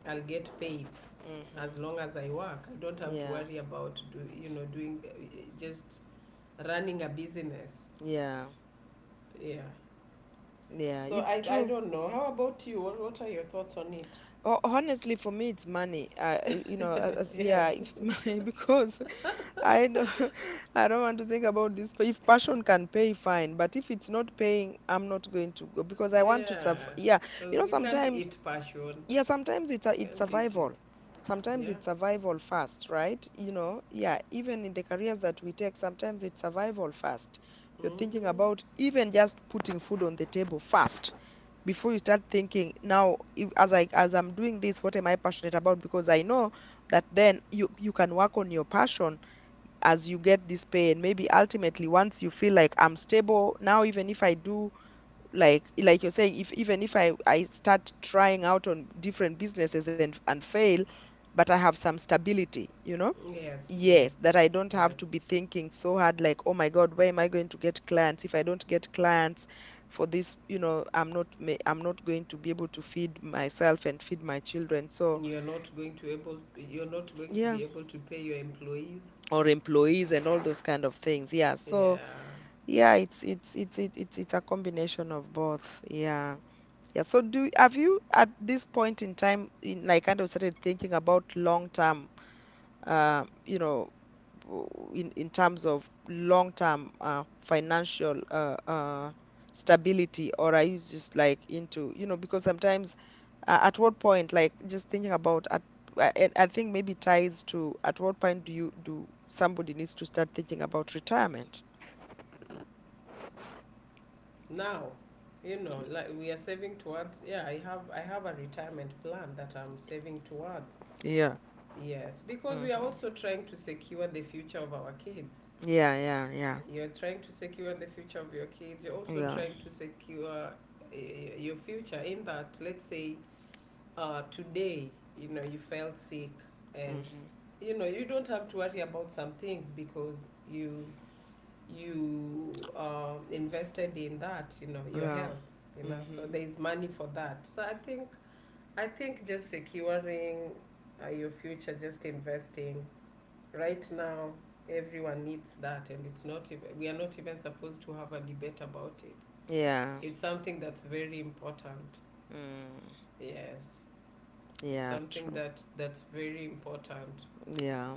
I'll get paid Mhm. as long as I work. I don't have to Yeah. worry about do, you know doing just running a business. Yeah. Yeah. Yeah. So It's I true. don't know. How about you? What are your thoughts on it? Honestly, for me, it's money. Yes. Yeah, it's money because I don't, I don't want to think about this. But if passion can pay, fine. But if it's not paying, I'm not going to go because I want to serve. Yeah. Yeah. You know, Because you can't sometimes eat passion. Yeah, sometimes it's Can't eat survival. it. Sometimes Yeah. it's survival first, right? Yeah, even in the careers that we take, sometimes it's survival first. You're thinking Mm-hmm. about even just putting food on the table first before you start thinking, now if, as I'm doing this, what am I passionate about? Because I know that then you can work on your passion as you get this pay and maybe ultimately once you feel like I'm stable, now even if I do like you're saying, if even if I start trying out on different businesses and fail but I have some stability, Yes, yes, yes, that I don't have yes. to be thinking so hard like oh my God, where am I going to get clients? If I don't get clients for this, I'm not going to be able to feed myself and feed my children, so You're not going to able. You're not going to yeah, be able to pay your employees. or employees and all those kind of things, yeah, so Yeah. yeah, it's a combination of both, yeah. Yeah, so do have you at this point in time in like kind of started thinking about long term, uh, you know w- in terms of long term, financial, stability, or are you just like into, because sometimes, at what point like just thinking about at I think maybe ties to at what point do you do somebody needs to start thinking about retirement? Now, like we are saving towards. Yeah, I have. I have a retirement plan that I'm saving towards. Yeah. Yes, because we are Mm-hmm. also trying to secure the future of our kids. Yeah, yeah, yeah, You're trying to secure the future of your kids. You're also yeah. trying to secure uh, your future in that, let's say, today, you felt sick and, Mm-hmm. You don't have to worry about some things because you invested in that, your Yeah. health, you know, so Mm-hmm. there's money for that. So I think just securing your future, just investing right now everyone needs that, and it's not even, we are not even supposed to have a debate about it. Yeah. It's something that's very important. Mm. Yes, Yeah, something true. that that's very important. Yeah.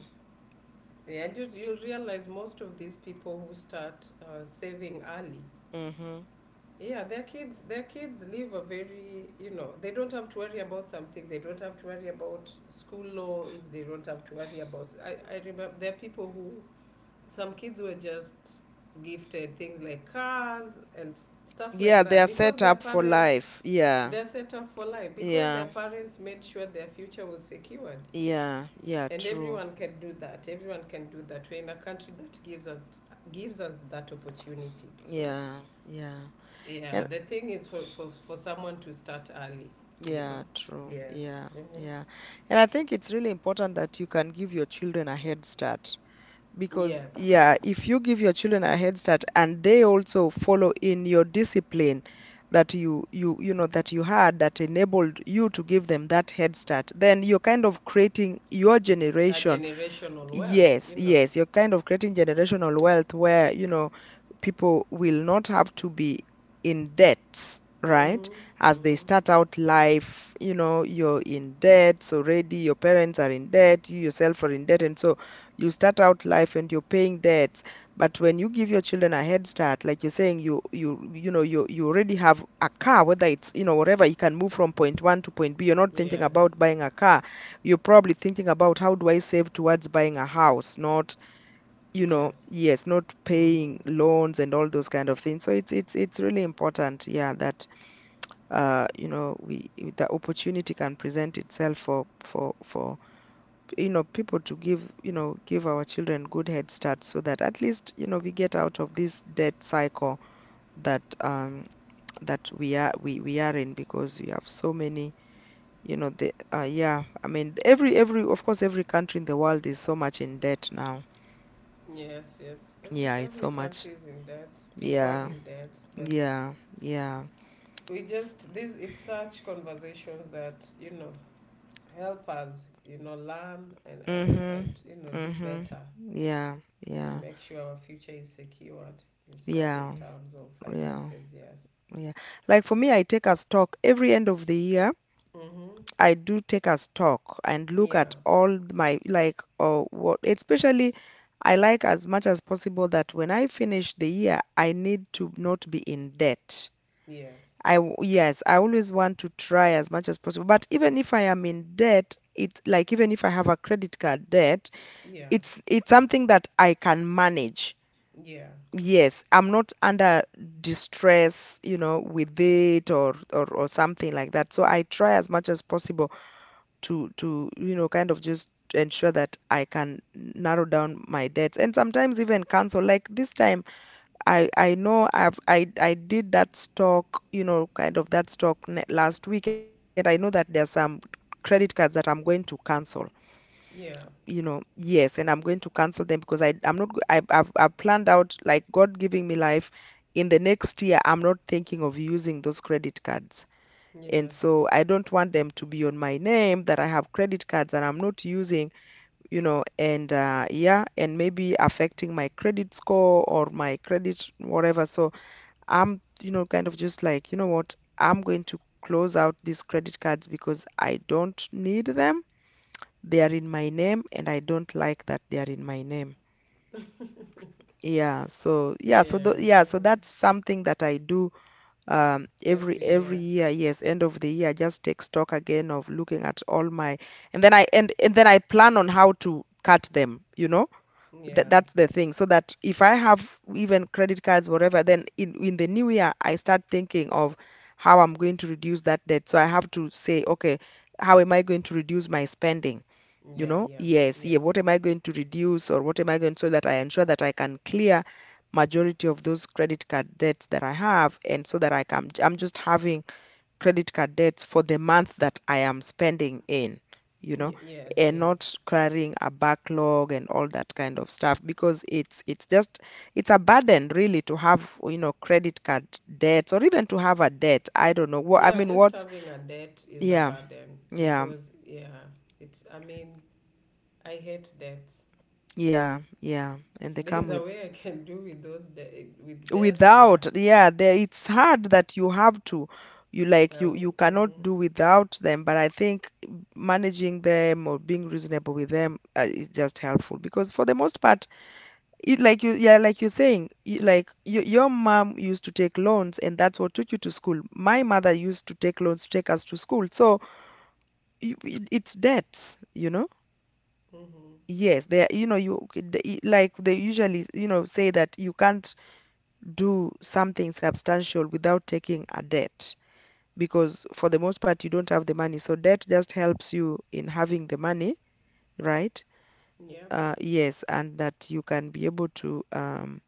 Yeah, and you'll realize most of these people who start saving early, Mm-hmm. yeah, their kids, their kids live a very, you know, they don't have to worry about something, they don't have to worry about school loans, they don't have to worry about I remember there are people who some kids were just gifted things like cars and stuff Yeah, like they that are because set their up for parents life. Yeah. they're set up for life because their Yeah. parents made sure their future was secured. Yeah. Yeah, And true. everyone can do that, everyone can do that. We're in a country that gives us that opportunity. So Yeah. Yeah. yeah, And the thing is for for someone to start early, you know. yeah, true. Yes, Yeah. mm-hmm. Yeah. And I think it's really important that you can give your children a head start. Because, Yes. yeah, if you give your children a head start and they also follow in your discipline that you know that you had that enabled you to give them that head start, then you're kind of creating your A generation. generational wealth, Yes, you know. yes, you're kind of creating generational wealth where, people will not have to be in debts, right? Mm-hmm. As they Mm-hmm. start out life, you're in debts already, your parents are in debt, you yourself are in debt, and so you start out life and you're paying debts. But when you give your children a head start, like you're saying, you already have a car, whether it's, you know, whatever, you can move from point one to point B. You're not thinking Yes, about buying a car, you're probably thinking about how do I save towards buying a house, not, yes. yes, not Mm-hmm. paying loans and all those kind of things. So it's really important, yeah, that we the opportunity can present itself for for people to give, give our children good head start so that at least, we get out of this debt cycle that that we are we are in because we have so many, the yeah, I mean every of course every country in the world is so much in debt now. Yes, yes. Yeah, it's Every so much. country is in debt. People are Yeah, in debt, but yeah, yeah. we S- just this. It's such conversations that, you know, help us, you know, learn and and, mhm. and you know, do Mhm. better Yeah. and Yeah. make sure our future is secured in sta- in Yeah. terms of Yeah. finances. Yes. Yeah, like for me, I take a stock every end of the year. Mm-hmm. I do take a stock and look Yeah. at all my, like what especially, I like as much as possible that when I finish the year I need to not be in debt. Yes. Yes, I always want to try as much as possible. But even if I am in debt, it's like even if I have a credit card debt, Yeah. it's something that I can manage. Yeah. Yes, I'm not under distress, you know, with it, or something like that. So I try as much as possible to you know, kind of just ensure that I can narrow down my debts and sometimes even cancel. Like this time. I know I did that stock, you know, kind of that last week, and I know that there's some credit cards that I'm going to cancel. Yeah. You know, yes, and I'm going to cancel them because I I'm not go- I I've planned out, like God giving me life. In the next year, I'm not thinking of using those credit cards. And Yes. so I don't want them to be on my name, that I have credit cards that I'm not using, you know, and yeah, and maybe affecting my credit score or my credit whatever. So I'm, you know, kind of just like, you know what? I'm going to close out these credit cards because I don't need them. They are in my name and I don't like that they are in my name. Yeah, so yeah, so the, Yeah. yeah, so Uh. that's something that I do every Every every year. year. Yes, end of the year, I just take stock again of looking at all my, and then I plan on how to cut them, you know, that Yeah. that's the thing, so that if I have even credit cards whatever, then in the new year I start thinking of how I'm going to reduce that debt. So I have to say, okay, how am I going to reduce my spending? You Yeah. know, Yeah. yes, Yeah. yeah, what am I going to reduce, or what am I going to, so that I ensure that I can clear majority of those credit card debts that I have, and so that I'm just having credit card debts for the month that I am spending in, you know, Y- yes, and yes. not carrying a backlog and all that kind of stuff, because it's just it's a burden really to have, you know, credit card debts, or even to have a debt. I don't know. What I Yeah, mean, just what's, having a debt is a yeah, burden yeah, because, yeah, it's, I mean, I hate debts. yeah, yeah. If And they come there's a with, way I can do with those de- with debts, yeah. without, yeah, there it's hard that you have to, you like you Well, cannot mm-hmm, do without them, but I think managing them or being reasonable with them is just helpful, because for the most part it, like you, yeah, like you're saying, your mom used to take loans and that's what took you to school. My mother used to take loans to take us to school. So you, it's debts, you know, mm-hmm, yes, they are, you know, you c- the- I- like they usually, you know, say that you can't do something substantial without taking a debt, because for the most part you don't have the money. So debt just helps you in having the money, right? yep. Yes, and that you can be able to um,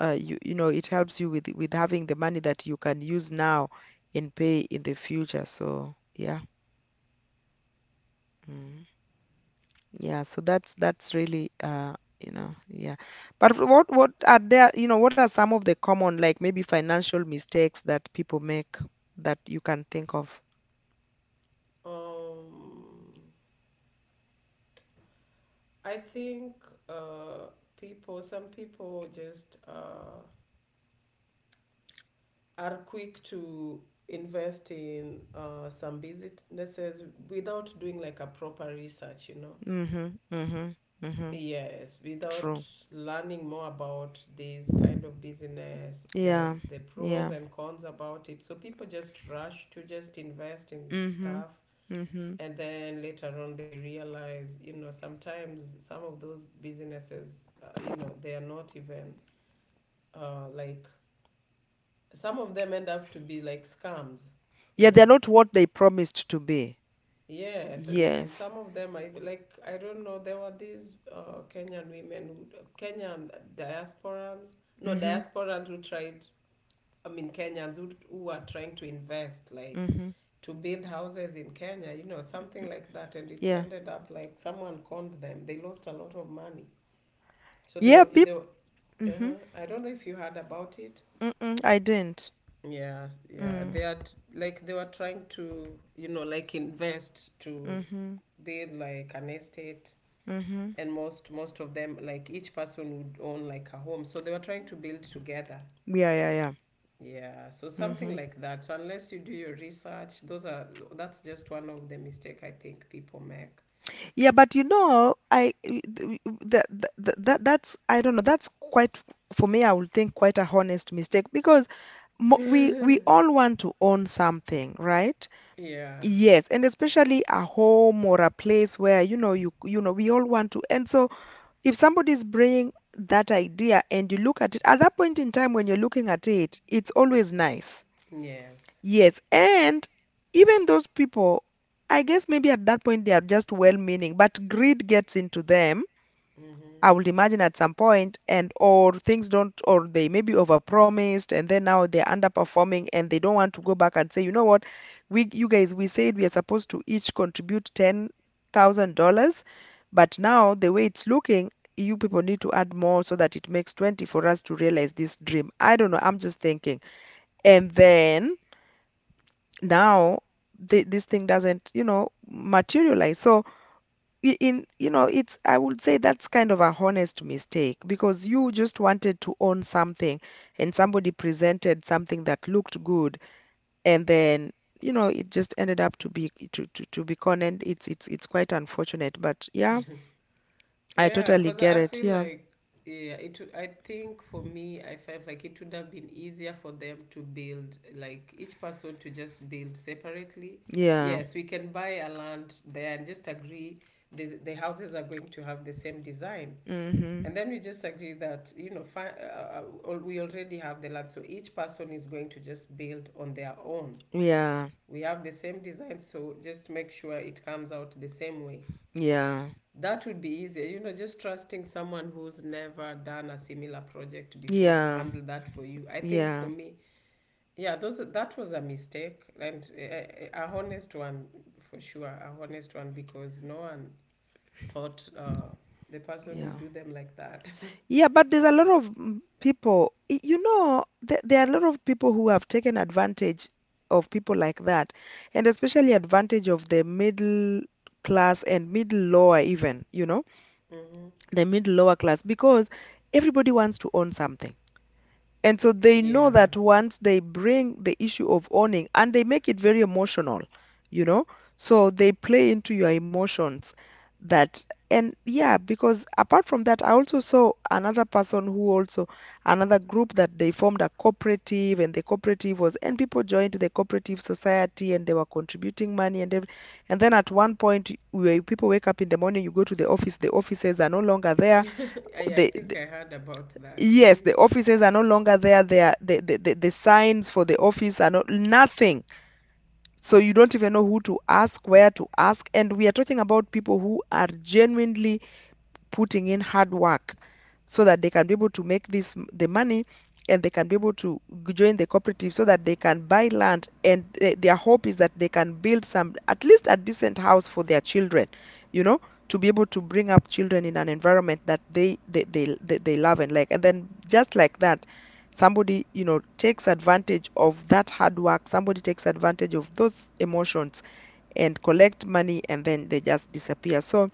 uh, you know, it helps you with having the money that you can use now and pay in the future. So yeah. Mm. Yeah, so that's really you know, yeah. But what are there, you know, what are some of the common, like maybe financial mistakes that people make that you can think of? Um, I think uh, people, some people just are quick to invest in some businesses without doing like a proper research, you know. Mhm. Mhm. Mhm. Yes, without True. learning more about this kind of business, Yeah. the pros Yeah. and cons about it. So people just rush to just invest in Mhm. stuff, Mhm. and then later on they realize, you know, sometimes some of those businesses, you know, they are not even like some of them end up to be like scams, you Yeah, they're know. not what they promised to be. Yes, and Yes. some of them I like I don't know, there were these Kenyan women who Kenyan diasporans no Mhm. diasporans who tried, I mean Kenyans who are trying to invest like Mhm. to build houses in Kenya, you know, something like that, and it Yeah. ended up like someone conned them, they lost a lot of money. So Yeah, peep. they were, Mhm. I don't know if you heard about it. Mm-mm, I didn't. Yes, yeah. Mm. They are t- like they were trying to, you know, like invest to Mhm. build like an estate, Mhm. and most most of them like each person would own like a home, so they were trying to build together, Yeah, yeah, yeah. yeah, so something Mhm. like that. So unless you do your research, those are that's just one of the mistake I think people make. Yeah, but you know, I that that, that that's I don't know. That's quite, for me, I would think quite a honest mistake, because we all want to own something, right? Yeah. Yes, and especially a home or a place where, you know, you know we all want to. And so if somebody's bringing that idea and you look at it at that point in time when you're looking at it, it's always nice. Yes, Yes, and even those people, I guess maybe at that point they are just well-meaning, but greed gets into them, mm-hmm. I would imagine at some point, and or things don't, or they maybe overpromised, and then now they're underperforming, and they don't want to go back and say, you know what, we, you guys, we said we are supposed to each contribute $10,000, but now the way it's looking, you people need to add more so that it makes 20 for us to realize this dream. I don't know, I'm just thinking. And then now th this thing doesn't, you know, materialize. So in, you know, it's, I would say that's kind of a honest mistake, because you just wanted to own something and somebody presented something that looked good, and then, you know, it just ended up to be, to be con, and it's quite unfortunate. But yeah, I Yeah, totally because get I it. feel Yeah. like yeah, it. Would- I think for me, I felt like it would have been easier for them to build, like each person to just build separately. Yeah. Yes, we can buy a land there and just agree the houses are going to have the same design, Mm-hmm. and then we just agree that you know fi- al- we already have the land, so each person is going to just build on their own. Yeah. We have the same design, so just make sure it comes out the same way. Yeah. That would be easier, you know, just trusting someone who's never done a similar project before to Yeah. handle that for you. I think for Yeah. me, yeah, those that was a mistake and a honest one for sure, a honest one because no one thought the person Yeah. would do them like that. Yeah, but there's a lot of people, you know, th there are a lot of people who have taken advantage of people like that, and especially advantage of the middle class and middle lower even, you know, Hmm. the middle lower class, because everybody wants to own something. And so they know Yeah, that once they bring the issue of owning and they make it very emotional, you know, so they play into your emotions that, and yeah, because apart from that, I also saw another person who also, another group that they formed a cooperative, and the cooperative was, and people joined the cooperative society and they were contributing money and every, and then at one point where people wake up in the morning, you go to the office, the offices are no longer there. I The, think I heard about that. yes, Hmm. the offices are no longer there. They are, the signs for the office are not, nothing. So you don't even know who to ask, where to ask. And we are talking about people who are genuinely putting in hard work so that they can be able to make this the money, and they can be able to join the cooperative so that they can buy land, and their hope is that they can build some at least a decent house for their children, you know, to be able to bring up children in an environment that they love and like, and then just like that somebody, you know, takes advantage of that hard work, somebody takes advantage of those emotions and collect money and then they just disappear. So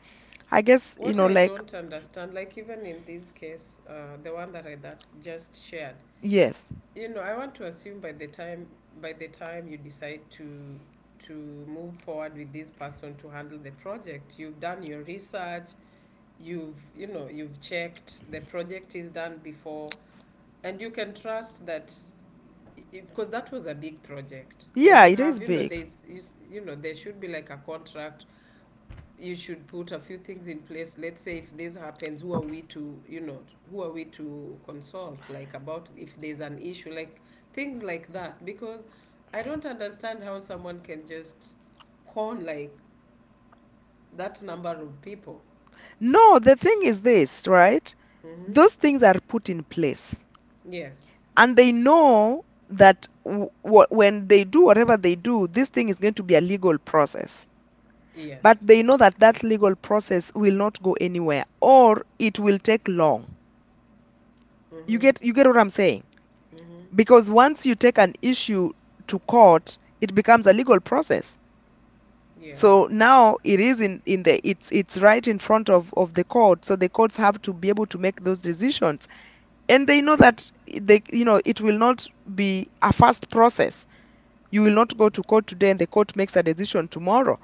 I guess, you What know, I like, don't understand, like even in this case, the one that I that just shared, yes. you know, I want to assume by the time you decide to move forward with this person to handle the project, you've done your research, you've you know you've checked the project is done before, and you can trust that, because that was a big project and Yeah, you it is have you know big. there's you, s- you know there should be like a contract. You should put a few things in place. Let's say if this happens, who are we to, you know, who are we to consult, like about if there's an issue, like things like that. Because I don't understand how someone can just con like that number of people. No, the thing is this, right? Mm-hmm. Those things are put in place, Yes, and they know that when they do whatever they do, this thing is going to be a legal process. But yes. they know that that legal process will not go anywhere, or it will take long. You Mm-hmm. get you get what I'm saying? Mm-hmm. Because once you take an issue to court, it becomes a legal process. Yeah. So now it is in the it's right in front of the court. So the courts have to be able to make those decisions. And they know that they it will not be a fast process. You will not go to court today and the court makes a decision tomorrow,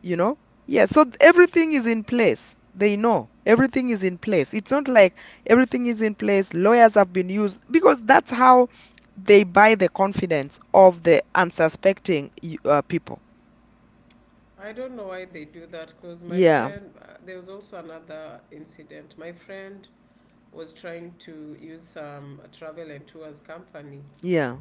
you know? Yeah, so everything is in place. They know everything is in place. It's not like everything is in place, lawyers have been used because that's how they buy the confidence of the unsuspecting people. I don't know why they do that, because my Yeah, friend, there was also another incident. My friend was trying to use some travel and tours company yeah,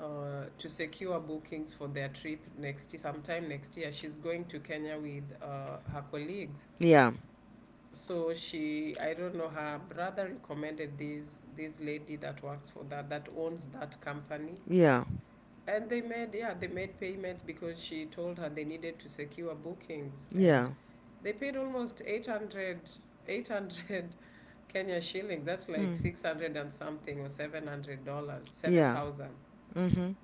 to secure bookings for their trip next sometime next year. She's going to Kenya with her colleagues. yeah. So she, I don't know, her brother recommended this lady that works for that that owns that company, Yeah. and they made yeah they made payments because she told her they needed to secure bookings, and Yeah. they paid almost eight hundred Kenya shilling. That's like Mm. 600 and something, or $700, seven Yeah. thousand Mhm.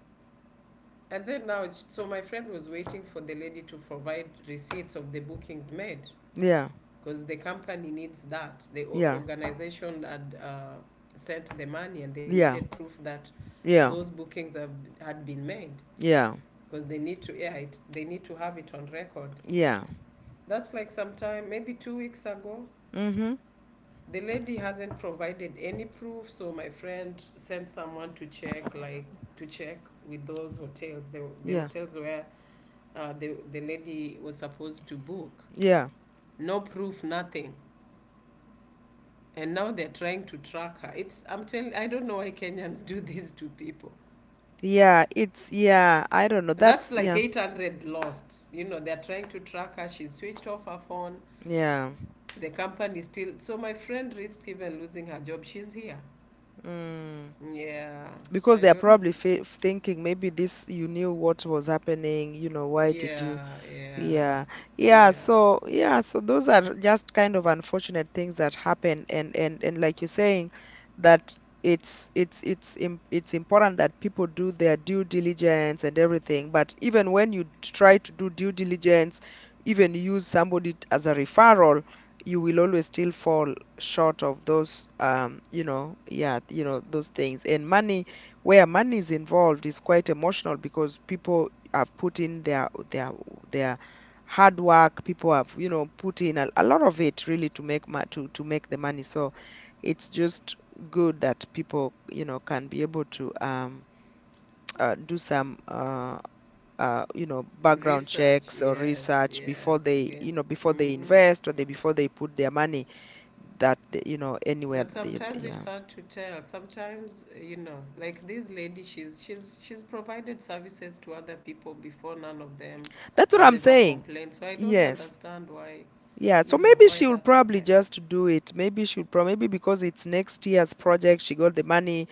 And then now, so my friend was waiting for the lady to provide receipts of the bookings made Yeah. because the company needs that. The o- Yeah. organization had sent the money and they Yeah. needed proof that Yeah. those bookings have, had been made Yeah. because they need to yeah, it, they need to have it on record. Yeah. That's like sometime maybe 2 weeks ago. Mhm. The lady hasn't provided any proof, so my friend sent someone to check like to check with those hotels, the Yeah. hotels where the lady was supposed to book. Yeah. No proof, nothing. And now they're trying to track her. It's I'm telling I don't know why Kenyans do this to people. Yeah. It's yeah. I don't know. That's That's like yeah. 800 lost. You know, they're trying to track her. She switched off her phone. Yeah. The company still. So my friend risked even losing her job. She's here. Mm. Yeah. So Because I they are don't know. probably f thinking, maybe this you knew what was happening, you know, why did you? Yeah, yeah, Yeah, yeah. yeah. So yeah, so those are just kind of unfortunate things that happen, and like you're saying, that it's important that people do their due diligence and everything. But even when you try to do due diligence, even use somebody as a referral, you will always still fall short of those, yeah, those things. And money, where money is involved, is quite emotional because people have put in their hard work. People have, put in a lot of it really to to make the money. So it's just good that people, can be able to do some , background Research. checks or Yes, research before yes. they, Again. Before they Mm-hmm. invest, or they before they put their money that anywhere But sometimes it's yeah, hard to tell. Sometimes you know, like this lady, she's she's provided services to other people before, none of them that's what has I'm ever saying, complained. So I don't yes, understand why yeah. you So know maybe why she will that probably happened. just do it. Maybe she'll probably maybe because it's next year's project, she got the money.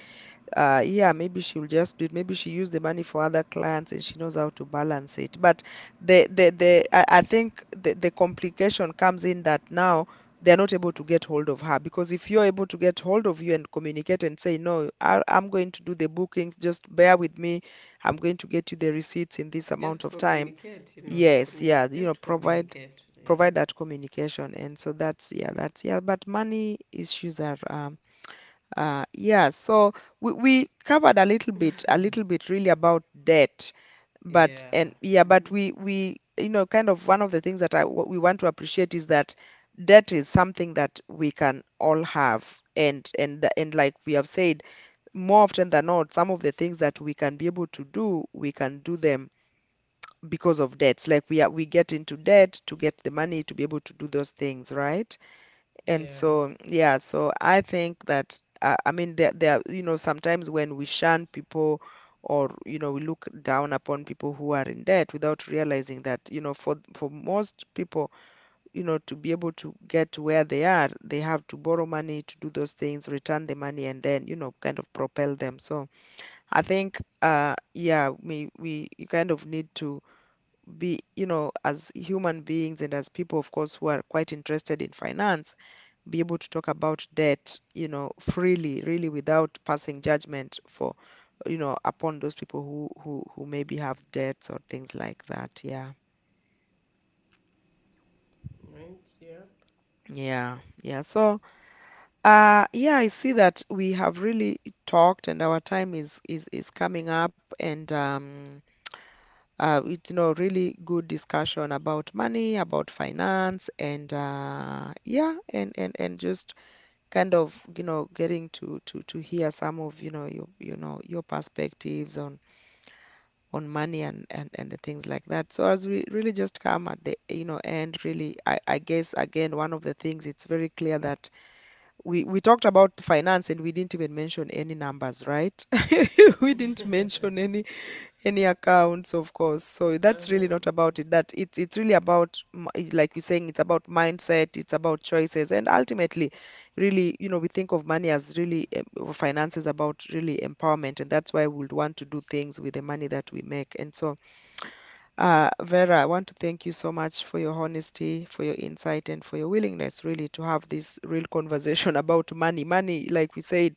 Yeah, maybe she'll just do it. Maybe she used the money for other clients and she knows how to balance it. But the I think the complication comes in that now they're not able to get hold of her. Because if you're able to get hold of you and communicate and say, no, I'm going to do the bookings, just bear with me. I'm going to get you the receipts in this amount Just of time. communicate, you know, Yes, yeah, communicate. Just provide communicate. Yeah. That communication. And so that's yeah, that's yeah. But money issues are yeah. So we covered a little bit really about debt, but Yeah. and yeah. But Mm-hmm. we , kind of, one of the things that I what we want to appreciate is that debt is something that we can all have. And like we have said, more often than not, some of the things that we can be able to do, we can do them because of debts. Like we are, we get into debt to get the money to be able to do those things, right? And so, Yes. yeah, so I think that, I mean, you know, sometimes when we shun people or, you know, we look down upon people who are in debt without realizing that, you know, for most people, you know, to be able to get to where they are, they have to borrow money to do those things, return the money, and then, you know, kind of propel them. So I think, yeah, we you kind of need to be, you know, as human beings and as people, of course, who are quite interested in finance, be able to talk about debt, you know, freely, really, without passing judgment for, you know, upon those people who maybe have debts or things like that. Yeah. Right. Yep. Yeah, yeah. So, yeah, I see that we have really talked, and our time is coming up, and it's, you know, really good discussion about money, about finance, and yeah. And just kind of, you know, getting to hear some of, you know, your, you know, your perspectives on money and and the things like that. So as we really just come at the, you know, end, really, I guess, again, one of the things, it's very clear that we talked about finance and we didn't even mention any numbers, right? We didn't mention any accounts, of course. So that's really not Mm-hmm. about it. That it's really about like you're saying, it's about mindset, it's about choices, and ultimately, really, you know, we think of money as really or finances about really empowerment. And that's why we would want to do things with the money that we make. And so Vera, I want to thank you so much for your honesty, for your insight, and for your willingness really to have this real conversation about money. Money, like we said,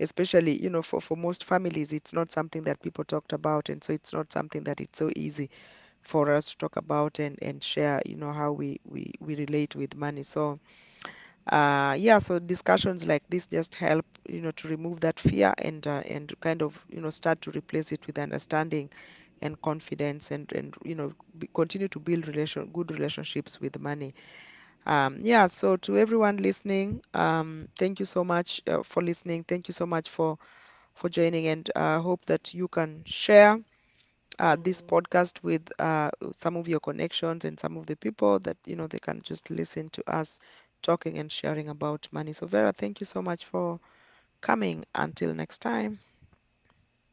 especially, you know, for most families, it's not something that people talked about, and so it's not something that it's so easy for us to talk about and share, you know, how we relate with money. So yeah, so discussions like this just help, you know, to remove that fear and, and kind of, you know, start to replace it with understanding and confidence and you know b continue to build relation good relationships with money. Yeah, so to everyone listening, thank you so much for listening. Thank you so much for joining, and hope that you can share this Mm-hmm. podcast with some of your connections and some of the people that you know they can just listen to us talking and sharing about money. So Vera, thank you so much for coming. Until next time.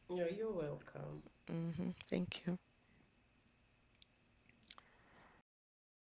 No, you're welcome. Thank you. Okay.